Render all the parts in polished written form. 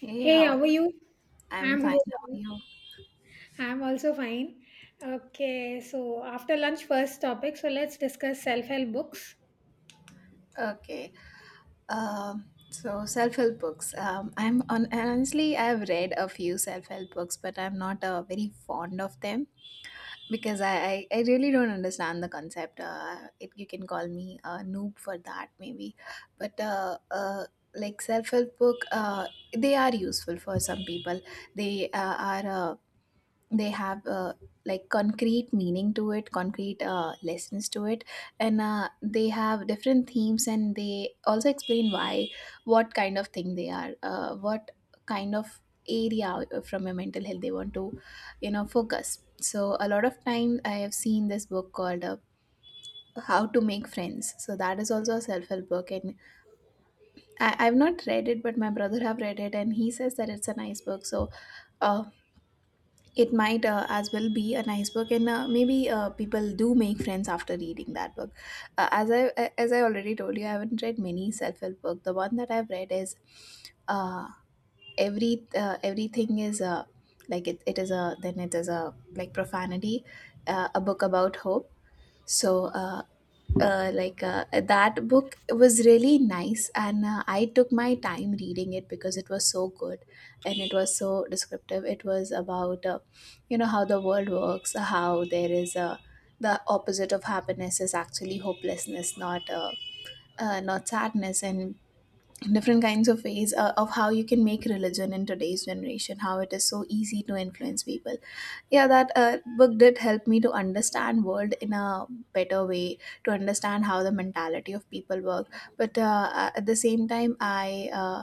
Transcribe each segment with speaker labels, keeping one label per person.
Speaker 1: Hey,
Speaker 2: Hey,
Speaker 1: how
Speaker 2: how
Speaker 1: are
Speaker 2: are
Speaker 1: you?
Speaker 2: you?
Speaker 1: I'm
Speaker 2: I'm
Speaker 1: fine. How are
Speaker 2: good.
Speaker 1: you?
Speaker 2: I'm also fine. Okay, so after lunch, first topic. So let's discuss self help books.
Speaker 1: Okay. Um, so self-help books. I'm on honestly, I've read a few self-help books, but I'm not very fond of them because I really don't understand the concept. You can call me a noob for that, maybe. But like self-help book, they are useful for some people. They uh, are uh, they have like concrete meaning to it, concrete lessons to it, and they have different themes and they also explain why, what kind of thing they are, what kind of area from your mental health they want to, you know, focus. So a lot of time I have seen this book called how to make friends, so that is also a self-help book. And I've not read it, but my brother have read it and he says that it's a nice book. So uh, it might as well be a nice book, and maybe people do make friends after reading that book. Uh, as I as I already told you, I haven't read many self help book. The one that I've read is uh, everything is like it is a, then it is a, like profanity, a book about hope. So uh, that book was really nice and I took my time reading it because it was so good, and it was so descriptive. It was about, you know, how the world works, how there is a, the opposite of happiness is actually hopelessness, not not sadness, and different kinds of ways of how you can make religion in today's generation, how it is so easy to influence people. Yeah, that book did help me to understand world in a better way, to understand how the mentality of people work. But at the same time I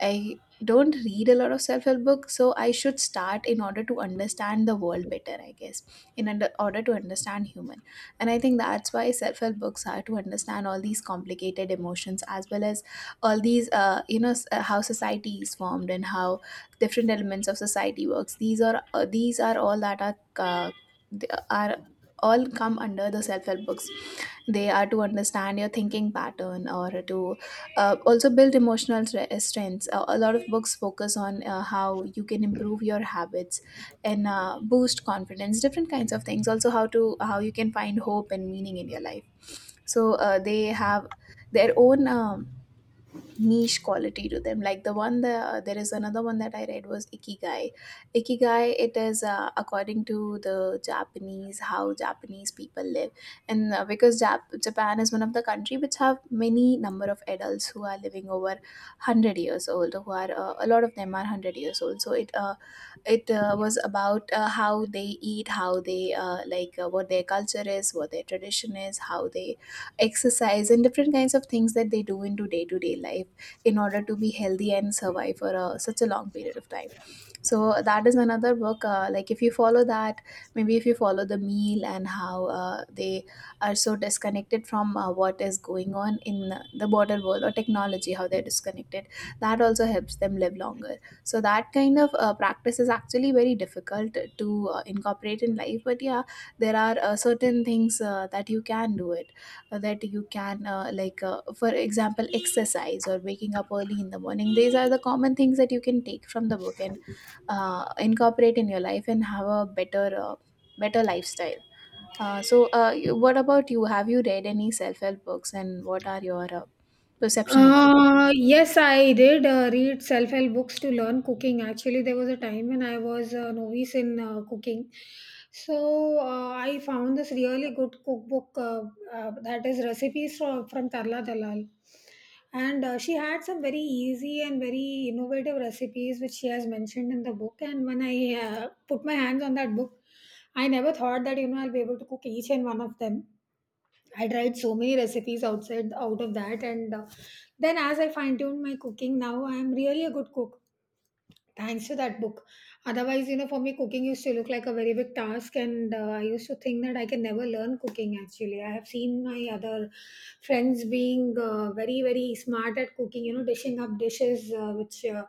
Speaker 1: i don't read a lot of self-help books, so I should start in order to understand the world better, I guess. In order to understand human. And I think that's why self-help books are, to understand all these complicated emotions, as well as all these you know, how society is formed and how different elements of society works. These are these are all that are, uh, they are all come under the self-help books. They are to understand your thinking pattern, or to also build emotional strengths. A lot of books focus on how you can improve your habits, and boost confidence, different kinds of things, also how to, how you can find hope and meaning in your life. So they have their own niche quality to them. Like the one that, there is another one that I read was Ikigai. Ikigai, it is according to the Japanese, how Japanese people live. And because Japan is one of the country which have many number of adults who are living over 100 years old, who are a lot of them are 100 years old. So it was about how they eat, how they what their culture is, what their tradition is, how they exercise, and different kinds of things that they do into day to day life in order to be healthy and survive for a, such a long period of time. So that is another book. Like, if you follow that, maybe if you follow the meal, and how they are so disconnected from what is going on in the modern world or technology, how they're disconnected, that also helps them live longer. So that kind of practice is actually very difficult to incorporate in life, but yeah, there are certain things that you can do it, that you can like for example, exercise or waking up early in the morning. These are the common things that you can take from the book and incorporate in your life and have a better better lifestyle. So what about you, have you read any self-help books, and what are your perception about?
Speaker 2: Yes, I did read self-help books to learn cooking. Actually, there was a time when I was a novice in cooking. So I found this really good cookbook that is recipes from Tarla Dalal. And she had some very easy and very innovative recipes which she has mentioned in the book. And when I put my hands on that book, I never thought that, you know, I'll be able to cook each and one of them. I tried so many recipes outside out of that, and then as I fine tuned my cooking, now I am really a good cook thanks to that book. Otherwise, you know, for me, cooking used to look like a very big task, and I used to think that I can never learn cooking. Actually, I have seen my other friends being very very smart at cooking. You know, dishing up dishes which.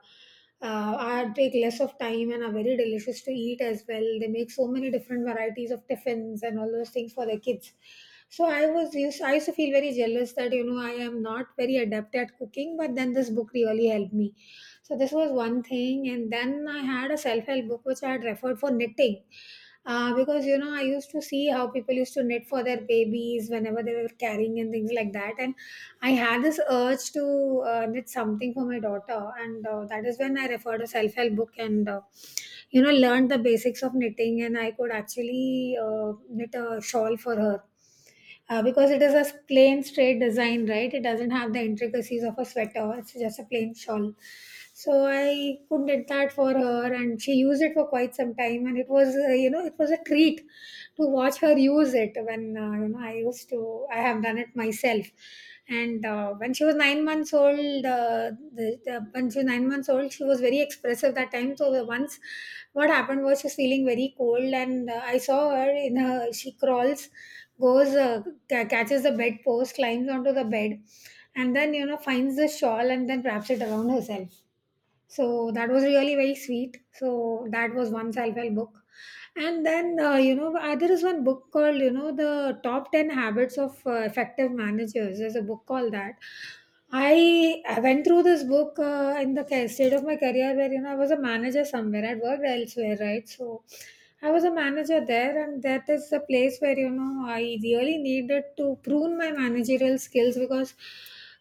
Speaker 2: uh, are take less of time and are very delicious to eat as well. They make so many different varieties of tiffins and all those things for their kids, so I was used, I used to feel very jealous that you know I am not very adept at cooking, but then this book really helped me. So this was one thing, and then I had a self help book which I had referred for knitting, because you know I used to see how people used to knit for their babies whenever they were carrying and things like that, and I had this urge to knit something for my daughter, and that is when I referred a self help book and you know learned the basics of knitting, and I could actually knit a shawl for her, because it is a plain straight design, right? It doesn't have the intricacies of a sweater, it's just a plain shawl. So I could knit that for her and she used it for quite some time, and it was, you know, it was a treat to watch her use it. When you know I used to, I have done it myself. And when she was 9 months old when she was 9 months old, she was very expressive that time. So the once what happened was she was feeling very cold and I saw her in her, she crawls, goes catches the bed post, climbs onto the bed, and then you know finds the shawl and then wraps it around herself. So that was really very sweet. So that was one self-help book. And then, you know, there is one book called, you know, the top 10 habits of effective managers. There's a book called that. I went through this book in the state of my career where, you know, I was a manager somewhere. I'd worked elsewhere, right? So I was a manager there, and that is a place where, you know, I really needed to prune my managerial skills because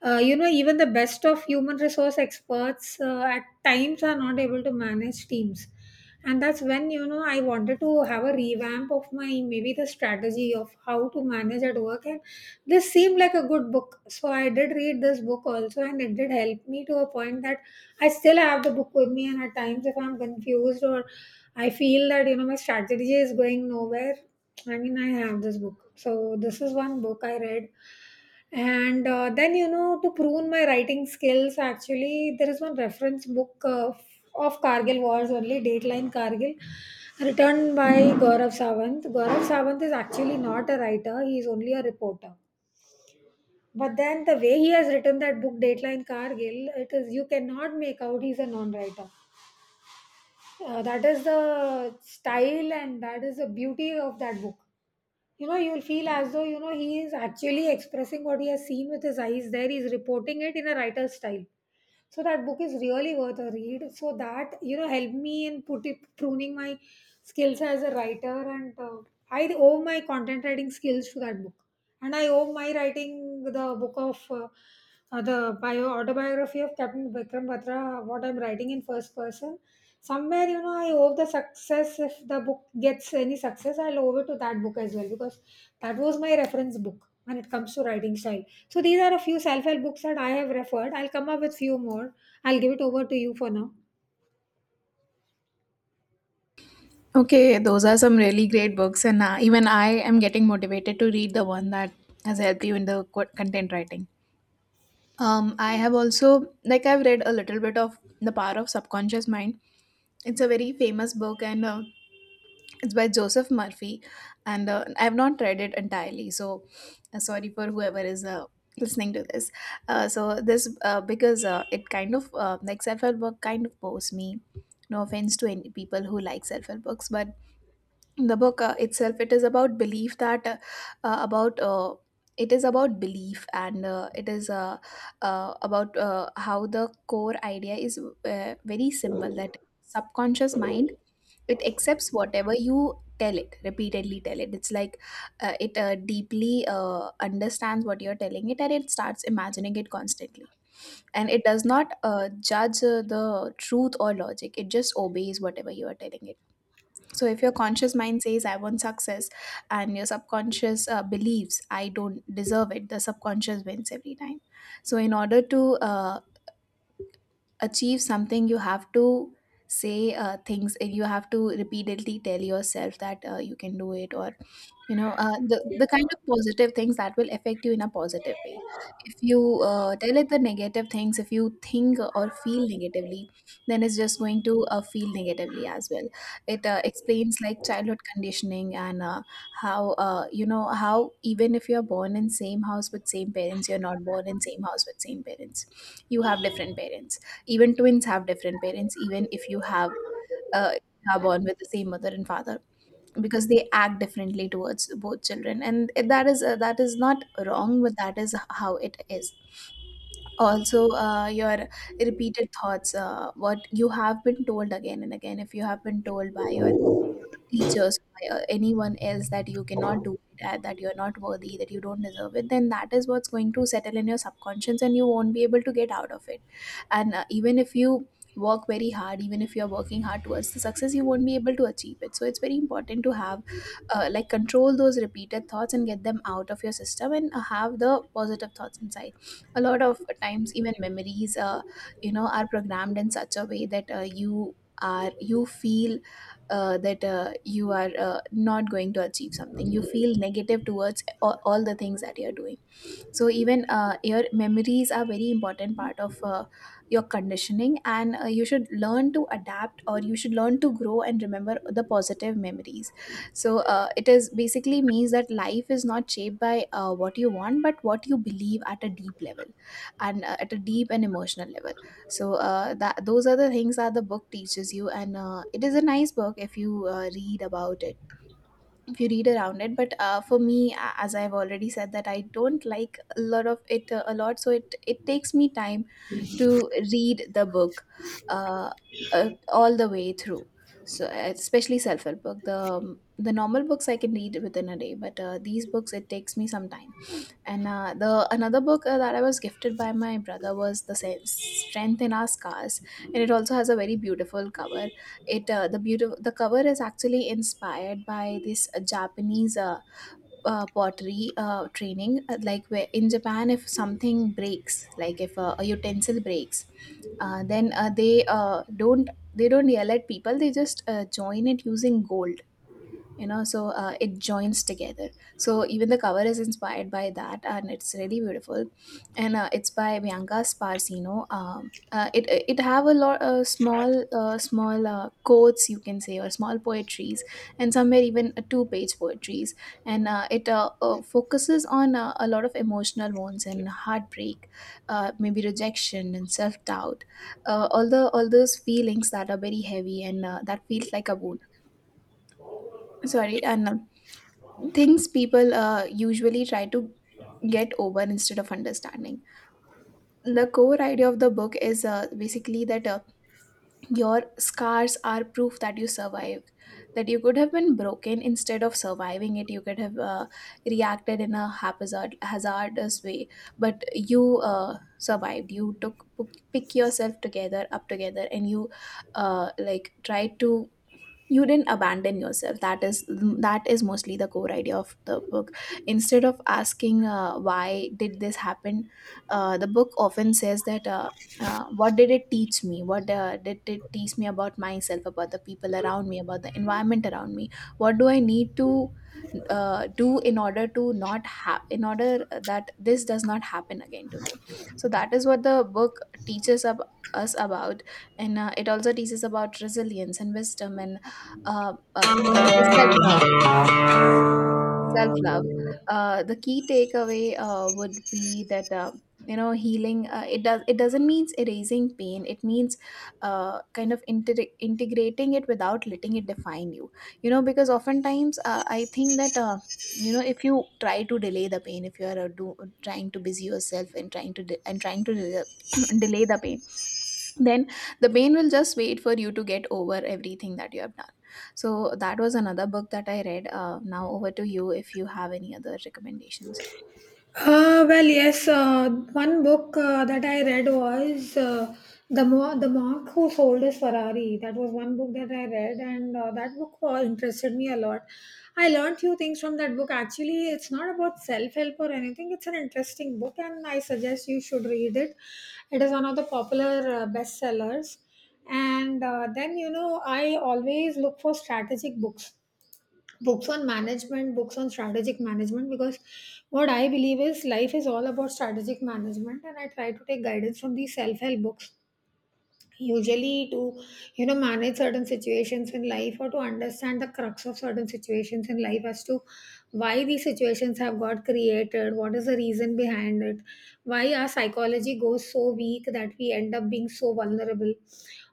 Speaker 2: you know even the best of human resource experts at times are not able to manage teams. And that's when you know I wanted to have a revamp of my, maybe, the strategy of how to manage at work. And this seemed like a good book, so I did read this book also, and it did help me to a point that I still have the book with me, and at times, if I'm confused or I feel that you know my strategy is going nowhere, I mean, I have this book. So this is one book I read, and then you know to prune my writing skills, actually, there is one reference book of Kargil Wars only, Dateline Kargil, written by Gaurav Savant. Gaurav Savant is actually not a writer; he is only a reporter, but then the way he has written that book, Dateline Cargill, it is, you cannot make out he's a non-writer. That is the style and that is the beauty of that book. You know, you'll feel as though you know he is actually expressing what he has seen with his eyes. There, he's reporting it in a writer's style. So that book is really worth a read. So that you know helped me in put it, pruning my skills as a writer, and I owe my content writing skills to that book, and I owe my writing, the book of the bio autobiography of Captain Vikram Batra, what I'm writing in first person. Somewhere, you know, I owe the success. If the book gets any success, I'll owe it to that book as well, because that was my reference book when it comes to writing style. So these are a few self-help books that I have referred. I'll come up with few more. I'll give it over to you for now.
Speaker 1: Okay, those are some really great books, and even I am getting motivated to read the one that has helped you in the content writing. I have also, like, I've read a little bit of the power of subconscious mind. It's a very famous book, and it's by Joseph Murphy. And I have not read it entirely, so sorry for whoever is listening to this. So this because It kind of like, self help book kind of bores me. No offense to any people who like self help books, but the book itself, it is about belief, that about it is about belief, and it is about how the core idea is very simple, that subconscious mind, it accepts whatever you tell it, repeatedly tell it. It's like it deeply understands what you're telling it, and it starts imagining it constantly. And it does not judge the truth or logic, it just obeys whatever you are telling it. So if your conscious mind says I want success, and your subconscious believes I don't deserve it, the subconscious wins every time. So in order to uh, achieve something, you have to say things, and you have to repeatedly tell yourself that you can do it, or you know, the kind of positive things that will affect you in a positive way. If you tell it the negative things, if you think or feel negatively, then it's just going to feel negatively as well. It explains like childhood conditioning, and how you know, how even if you're born in same house with same parents, you're not born in same house with same parents. You have different parents. Even twins have different parents, even if you have uh, are born with the same mother and father, because they act differently towards both children. And that is not wrong, but that is how it is. Also your repeated thoughts, what you have been told again and again. If you have been told by your teachers, by anyone else, that you cannot do it, that you're not worthy, that you don't deserve it, then that is what's going to settle in your subconscious and you won't be able to get out of it. And even if you work very hard, even if you're working hard towards the success, you won't be able to achieve it. So it's very important to have like, control those repeated thoughts and get them out of your system, and have the positive thoughts inside. A lot of times, even memories you know, are programmed in such a way that you are, you feel that you are not going to achieve something, you feel negative towards all the things that you're doing. So even your memories are very important part of your conditioning. And you should learn to adapt, or you should learn to grow and remember the positive memories. So it is basically means that life is not shaped by what you want, but what you believe at a deep level, and at a deep and emotional level. So that those are the things that the book teaches you, and it is a nice book if you read about it, if you read around it. But for me, as I've already said, that I don't like a lot of it a lot, so it takes me time to read the book uh, all the way through. So especially self-help book, the normal books I can read within a day, but these books it takes me some time. And the another book that I was gifted by my brother was the same Strength in Our Scars, and it also has a very beautiful cover. It The cover is actually inspired by this Japanese pottery training, like where in Japan, if something breaks, like if a utensil breaks, then they don't yell at people. They just join it using gold, so it joins together. So even the cover is inspired by that, and it's really beautiful. And it's by Bianca Sparsino. It have a lot small small quotes, you can say, or small poetries, and somewhere even two-page poetries. And it focuses on a lot of emotional wounds and heartbreak, maybe rejection and self doubt, all those feelings that are very heavy and that feels like a wound, sorry, and things people usually try to get over instead of understanding. The core idea of the book is basically that your scars are proof that you survived, that you could have been broken instead of surviving it. You could have reacted in a haphazard, hazardous way, but you survived. You took pick yourself together, up together, and you like tried to, you didn't abandon yourself. That is mostly the core idea of the book. Instead of asking why did this happen, the book often says that what did it teach me, what did it teach me about myself, about the people around me, about the environment around me, what do I need to do in order to not have, in order that this does not happen again to me. So that is what the book teaches us about. And it also teaches about resilience and wisdom and the self love, self love. The key takeaway would be that you know healing. It does. It doesn't means erasing pain. It means kind of integrating it without letting it define you. You know, because oftentimes I think that. You know if you try to delay the pain, if you are trying to busy yourself and trying to de- and trying to de- delay the pain, then the brain will just wait for you to get over everything that you have done. So that was another book that I read, now over to you if you have any other recommendations.
Speaker 2: Well, yes. One book that I read was the monk who sold his Ferrari. That was one book that I read, and that book interested me a lot. I learned few things from that book. Actually, it's not about self help or anything. It's an interesting book, and I suggest you should read it. It is one of the popular bestsellers. And then you know, I always look for strategic books, books on management, books on strategic management, because what I believe is life is all about strategic management, and I try to take guidance from these self-help books usually to, you know, manage certain situations in life or to understand the crux of certain situations in life as to why these situations have got created, what is the reason behind it, why our psychology goes so weak that we end up being so vulnerable.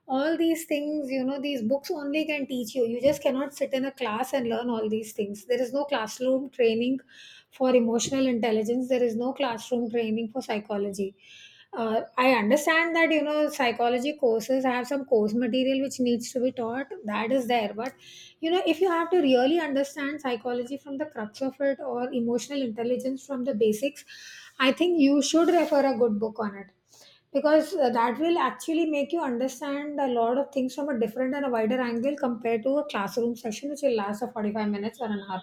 Speaker 2: All these things, you know, these books only can teach you. You just cannot sit in a class and learn all these things. There is no classroom training for emotional intelligence, there is no classroom training for psychology. I understand that you know psychology courses have some course material which needs to be taught. That is there, but you know if you have to really understand psychology from the crux of it or emotional intelligence from the basics, I think you should refer a good book on it, because that will actually make you understand a lot of things from a different and a wider angle compared to a classroom session which will last for 45 minutes or an hour.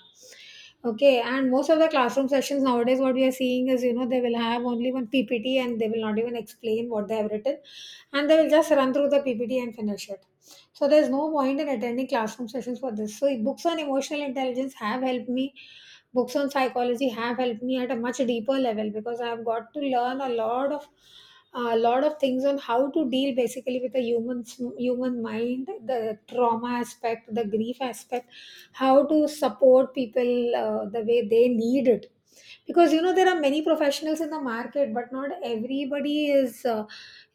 Speaker 2: Okay, and most of the classroom sessions nowadays, what we are seeing is, you know, they will have only one PPT and they will not even explain what they have written, and they will just run through the PPT and finish it. So there's no point in attending classroom sessions for this. So books on emotional intelligence have helped me. Books on psychology have helped me at a much deeper level because I have got to learn a lot of, a lot of things on how to deal basically with the human, human mind, the trauma aspect, the grief aspect, how to support people the way they need it. Because you know there are many professionals in the market but not everybody is,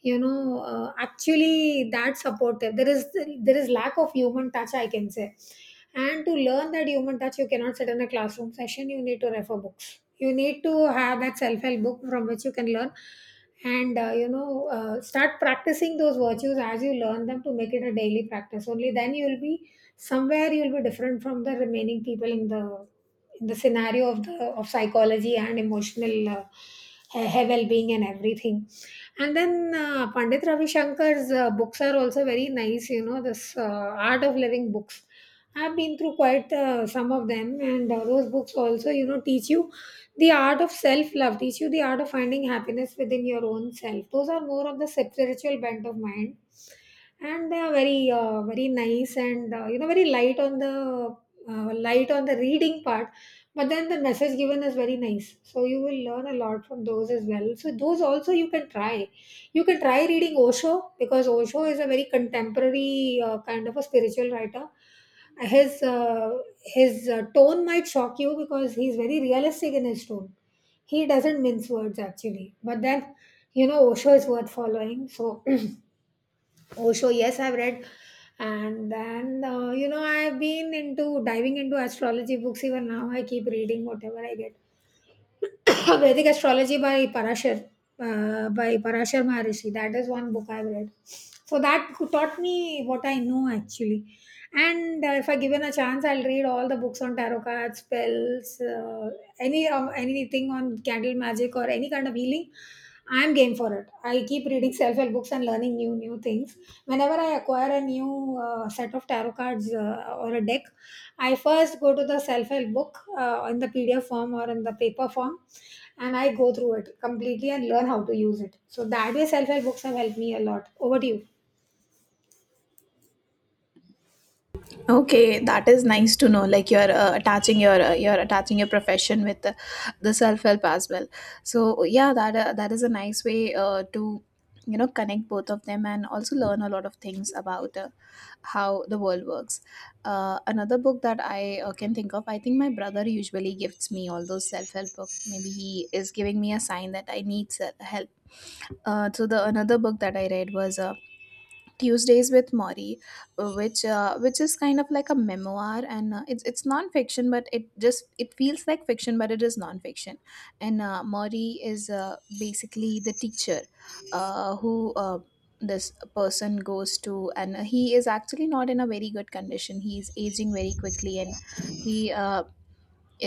Speaker 2: you know, actually that supportive. There is, there is lack of human touch, I can say. And to learn that human touch, you cannot sit in a classroom session, you need to refer books, you need to have that self-help book from which you can learn, and you know start practicing those virtues as you learn them to make it a daily practice. Only then you will be, somewhere you will be different from the remaining people in the, in the scenario of the, of psychology and emotional well-being and everything. And then Pandit Ravi Shankar's books are also very nice, you know, this art of living books. I've been through quite some of them, and those books also you know teach you the art of self-love, teach you the art of finding happiness within your own self. Those are more of the spiritual bent of mind, and they are very very nice, and you know, very light on the reading part. But then the message given is very nice, so you will learn a lot from those as well. So those also you can try. You can try reading Osho, because Osho is a very contemporary kind of a spiritual writer. his uh, his tone might shock you because he's very realistic in his tone. He doesn't mince words actually, but then You know, Osho is worth following. So Osho, yes, I've read. And then, I've been into diving into astrology books. Even now, I keep reading whatever I get. Vedic Astrology by Parashar Maharishi. That is one book I've read. So that taught me what I know actually. And if I given a chance, I'll read all the books on tarot cards, spells, anything on candle magic or any kind of healing. I'm game for it. I keep reading self-help books and learning new things. Whenever I acquire a new set of tarot cards or a deck, I first go to the self-help book in the PDF form or in the paper form, and I go through it completely and learn how to use it. So that way, self-help books have helped me a lot. Over to you.
Speaker 1: Okay, that is nice to know, like you're attaching your you're attaching your profession with the self-help as well. So yeah, that that is a nice way to you know connect both of them and also learn a lot of things about how the world works. Another book that I can think of, I think my brother usually gifts me all those self-help books. Maybe he is giving me a sign that I need se- help. So the another book that I read was Tuesdays with Maury, which is kind of like a memoir, and it's non-fiction, but it just it feels like fiction, but it is non-fiction. And Maury is basically the teacher who. This person goes to, and he is actually not in a very good condition, he is aging very quickly, and he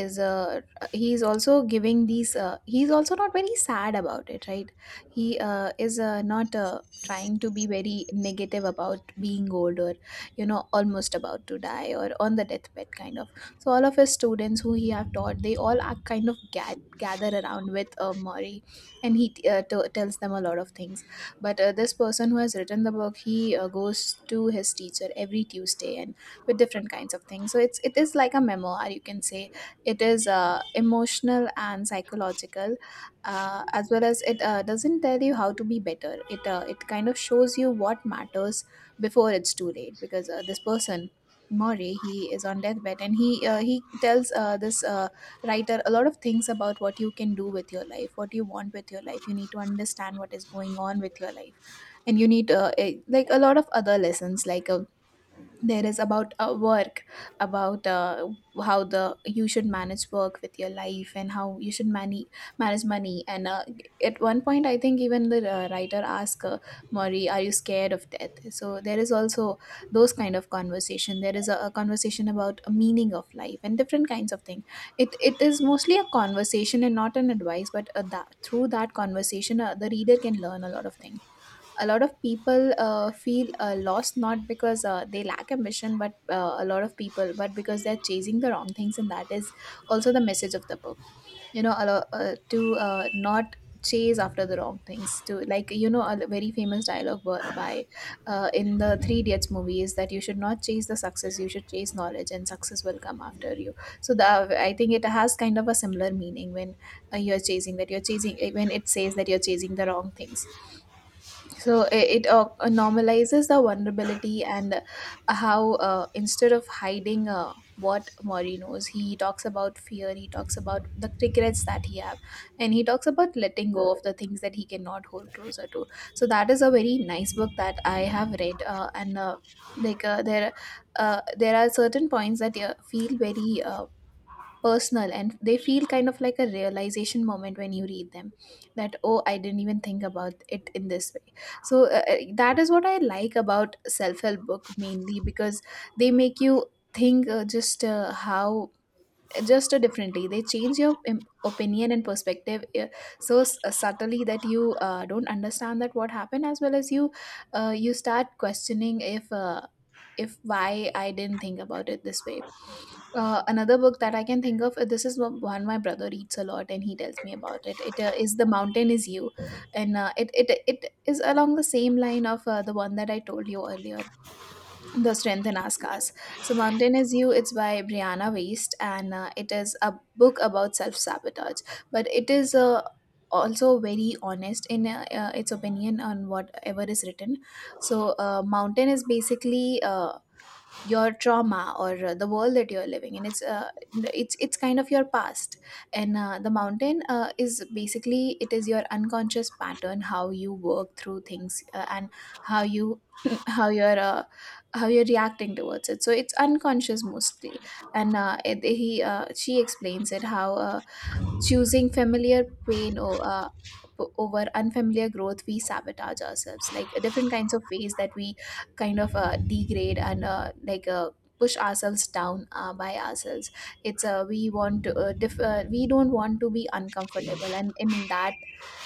Speaker 1: is he's also giving these he's also not very sad about it, right, he is not trying to be very negative about being old or you know almost about to die or on the deathbed kind of. So all of his students who he have taught, they all are kind of gather around with Maury, and he tells them a lot of things. But this person who has written the book, he goes to his teacher every Tuesday and with different kinds of things. So it is like a memoir, you can say. It is emotional and psychological as well as it doesn't tell you how to be better, it kind of shows you what matters before it's too late. Because this person Maury, he is on deathbed, and he tells this writer a lot of things about what you can do with your life, what you want with your life. You need to understand what is going on with your life, and you need like a lot of other lessons, like there is about work, about how the you should manage work with your life, and how you should manage money, and at one point I think even the writer asked Murray, are you scared of death? So there is also those kind of conversation, there is a conversation about a meaning of life and different kinds of thing. It is mostly a conversation and not an advice, but through that conversation the reader can learn a lot of things. A lot of people feel lost not because they lack ambition, but a lot of people but because they're chasing the wrong things, and that is also the message of the book. You know a lot, to not chase after the wrong things, to like you know a very famous dialogue by in the Three Idiots movie is that you should not chase the success, you should chase knowledge and success will come after you. So the I think it has kind of a similar meaning when you're chasing, when it says that you're chasing the wrong things. So it normalizes the vulnerability, and how instead of hiding what Mori knows, he talks about fear, he talks about the regrets that he have, and he talks about letting go of the things that he cannot hold closer to. So that is a very nice book that I have read, and like uh, there, there are certain points that feel very personal, and they feel kind of like a realization moment when you read them, that oh I didn't even think about it in this way. So that is what I like about self-help book mainly, because they make you think just how just differently they change your opinion and perspective, so subtly that you don't understand that what happened, as well as you you start questioning if why I didn't think about it this way. Uh, another book that I can think of, this is one my brother reads a lot and he tells me about it, it is The Mountain is You. And it is along the same line of the one that I told you earlier, the Strength in Us Cars. So, Mountain is You, it's by Brianna Waist, and it is a book about self sabotage. But it is also very honest in its opinion on whatever is written. So, Mountain is basically your trauma or the world that you're living in, it's kind of your past. And the mountain is basically it is your unconscious pattern, how you work through things, and how you how you're uh, how you're reacting towards it, so it's unconscious mostly. And it, he she explains it how choosing familiar pain or over unfamiliar growth we sabotage ourselves, like different kinds of ways that we kind of degrade and push ourselves down by ourselves. It's We want to we don't want to be uncomfortable, and in that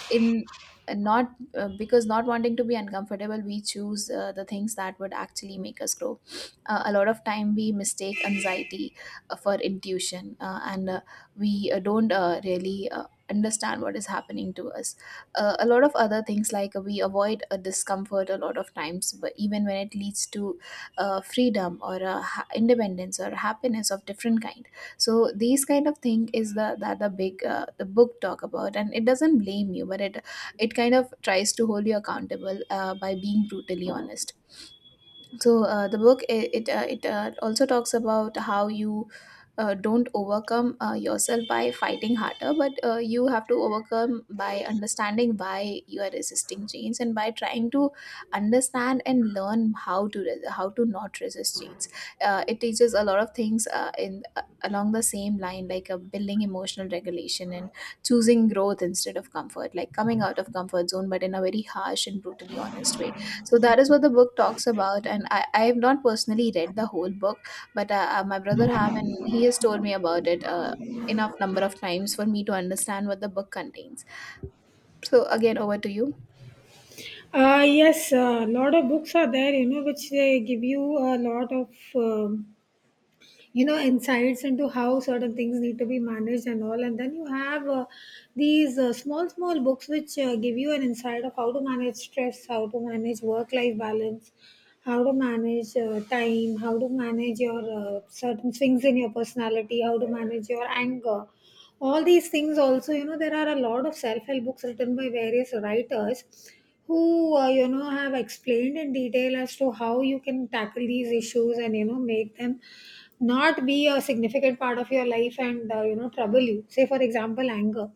Speaker 1: in and not because not wanting to be uncomfortable, we choose the things that would actually make us grow. Uh, a lot of time we mistake anxiety for intuition, and we don't really understand what is happening to us. A lot of other things like we avoid a discomfort a lot of times, but even when it leads to freedom or independence or happiness of different kind. So these kind of thing is the that the big the book talk about, and it doesn't blame you, but it kind of tries to hold you accountable by being brutally honest. So the book it it, it also talks about how you don't overcome yourself by fighting harder, but you have to overcome by understanding why you are resisting change, and by trying to understand and learn how to how to not resist change. Uh, it teaches a lot of things in along the same line, like building emotional regulation and choosing growth instead of comfort, like coming out of comfort zone, but in a very harsh and brutally honest way. So that is what the book talks about, and I have not personally read the whole book, but my brother have, and he has told me about it enough number of times for me to understand what the book contains. So again, over to you.
Speaker 2: Yes, a lot of books are there, you know, which they give you a lot of um you know insights into how certain things need to be managed and all. And then you have these small small books which give you an insight of how to manage stress, how to manage work life balance, how to manage time, how to manage your certain swings in your personality, how to manage your anger. All these things also, you know, there are a lot of self-help books written by various writers who you know have explained in detail as to how you can tackle these issues and you know make them not be a significant part of your life and you know trouble you. Say, for example, anger.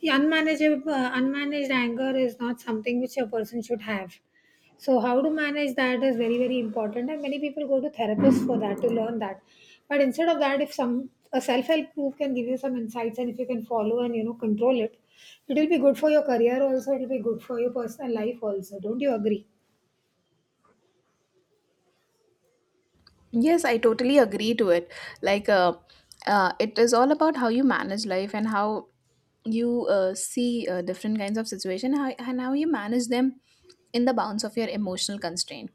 Speaker 2: The unmanageable unmanaged anger is not something which a person should have, so how to manage that is very very important. And many people go to therapists for that to learn that, but instead of that, if some a self-help group can give you some insights and if you can follow and, you know, control it, it will be good for your career also, it will be good for your personal life also. Don't you agree?
Speaker 1: Yes, I totally agree to it. Like, uh, it is all about how you manage life and how you see different kinds of situation how, and how you manage them in the bounds of your emotional constraint.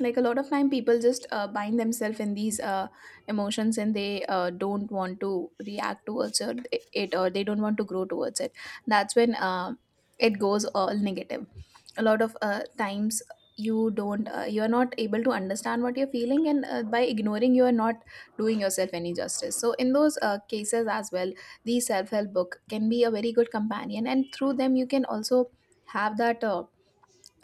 Speaker 1: Like a lot of time people just bind themselves in these emotions, and they don't want to react it, or they don't want to grow towards it. That's when it goes all negative. A lot of times you don't you are not able to understand what you're feeling, and by ignoring you are not doing yourself any justice. So in those cases as well, the self-help book can be a very good companion, and through them you can also have that uh,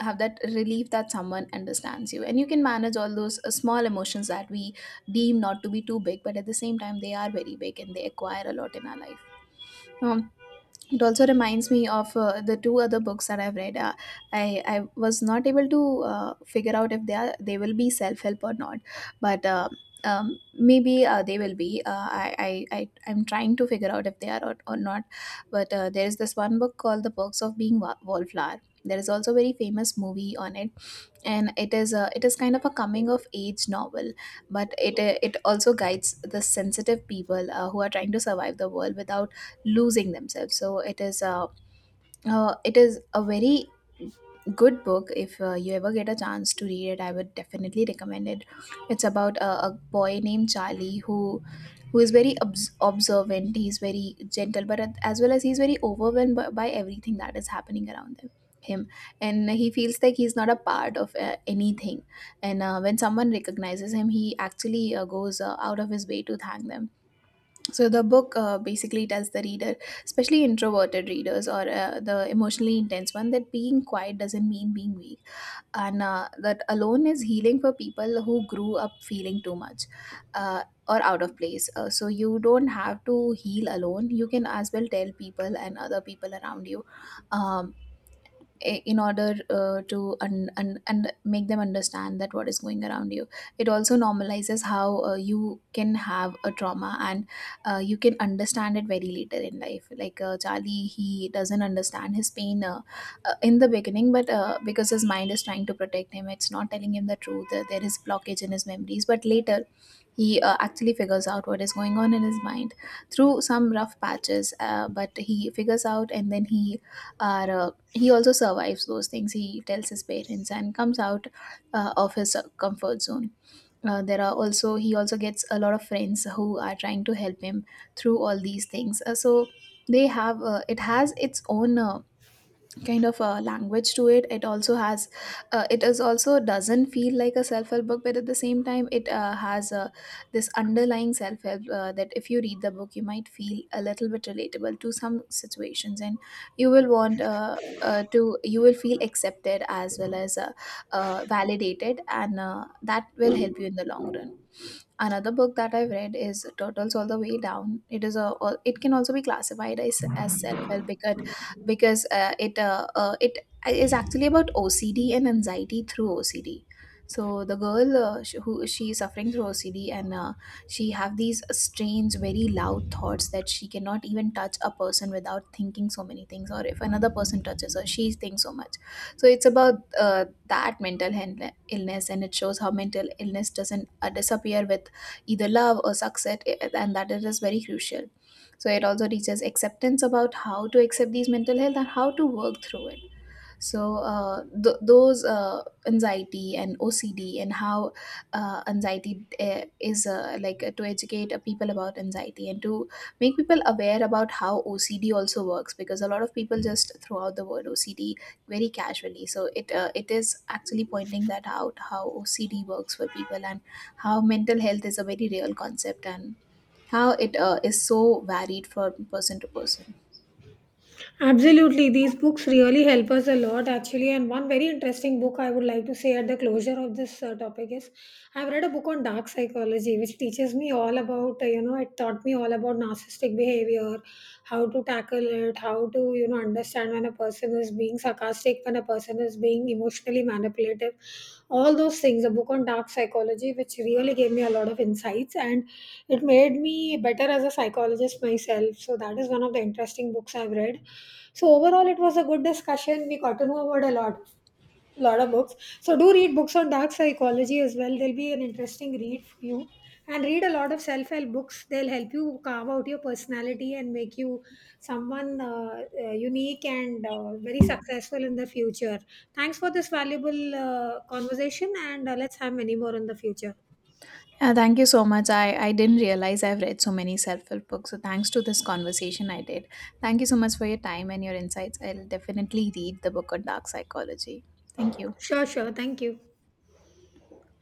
Speaker 1: have that relief that someone understands you, and you can manage all those small emotions that we deem not to be too big but at the same time they are very big and they acquire a lot in our life. um, it also reminds me of the two other books that I've read. I was not able to figure out if they will be self-help or not, but maybe they will be I I'm trying to figure out if they are, or not. But there is this one book called The Perks of Being Wallflower. There is also a very famous movie on it, and it is kind of a coming of age novel, but it also guides the sensitive people who are trying to survive the world without losing themselves. So it is a very good book. If you ever get a chance to read it, I would definitely recommend it. It's about a boy named Charlie who is very observant. He's very gentle, but as well as he's very overwhelmed by everything that is happening around him. Him and he feels like he's not a part of anything. And when someone recognizes him, he actually goes out of his way to thank them. So the book basically tells the reader, especially introverted readers or the emotionally intense one, that being quiet doesn't mean being weak, and that alone is healing for people who grew up feeling too much or out of place. So you don't have to heal alone. You can as well tell people and other people around you. Um, in order to and un- un- un- make them understand that what is going around you. It also normalizes how you can have a trauma, and you can understand it very later in life. Like Charlie, he doesn't understand his pain in the beginning, but because his mind is trying to protect him, it's not telling him the truth. There is blockage in his memories, but later he actually figures out what is going on in his mind through some rough patches. But he figures out, and then he also survives those things. He tells his parents and comes out of his comfort zone. There are also He also gets a lot of friends who are trying to help him through all these things. So they have it has its own kind of a language to it. It also has it is also doesn't feel like a self-help book, but at the same time it this underlying self-help that if you read the book you might feel a little bit relatable to some situations, and you will want to you will feel accepted as well as validated, and that will help you in the long run. Another book that I've read is Turtles All the Way Down. It is a It can also be classified as self-help, because it is actually about OCD and anxiety through OCD. So the girl who she is suffering through OCD, and she have these strange, very loud thoughts that she cannot even touch a person without thinking so many things, or if another person touches her, she thinks so much. So it's about that illness, and it shows how mental illness doesn't disappear with either love or success, and that it is very crucial. So it also teaches acceptance about how to accept these mental health and how to work through it. So those anxiety and OCD, and how anxiety is to educate people about anxiety and to make people aware about how OCD also works, because a lot of people just throw out the word OCD very casually. So it it is actually pointing that out, how OCD works for people, and how mental health is a very real concept, and how it is so varied from person to person.
Speaker 2: Absolutely, these books really help us a lot actually. And one very interesting book I would like to say at the closure of this topic is I've read a book on dark psychology, which teaches me all about, you know, it taught me all about narcissistic behavior, how to tackle it, how to, you know, understand when a person is being sarcastic, when a person is being emotionally manipulated manipulative. All those things, a book on dark psychology which really gave me a lot of insights, and it made me better as a psychologist myself. So that is one of the interesting books I've read. So overall it was a good discussion. We got to know about a lot of books. So do read books on dark psychology as well, they'll be an interesting read for you. And read a lot of self-help books, they'll help you carve out your personality and make you someone unique and very successful in the future. Thanks for this valuable conversation, and let's have many more in the future.
Speaker 1: Yeah, thank you so much. I didn't realize I've read so many self help books. So, thanks to this conversation, I did. Thank you so much for your time and your insights. I'll definitely read the book on dark psychology. Thank you.
Speaker 2: Sure, sure. Thank you.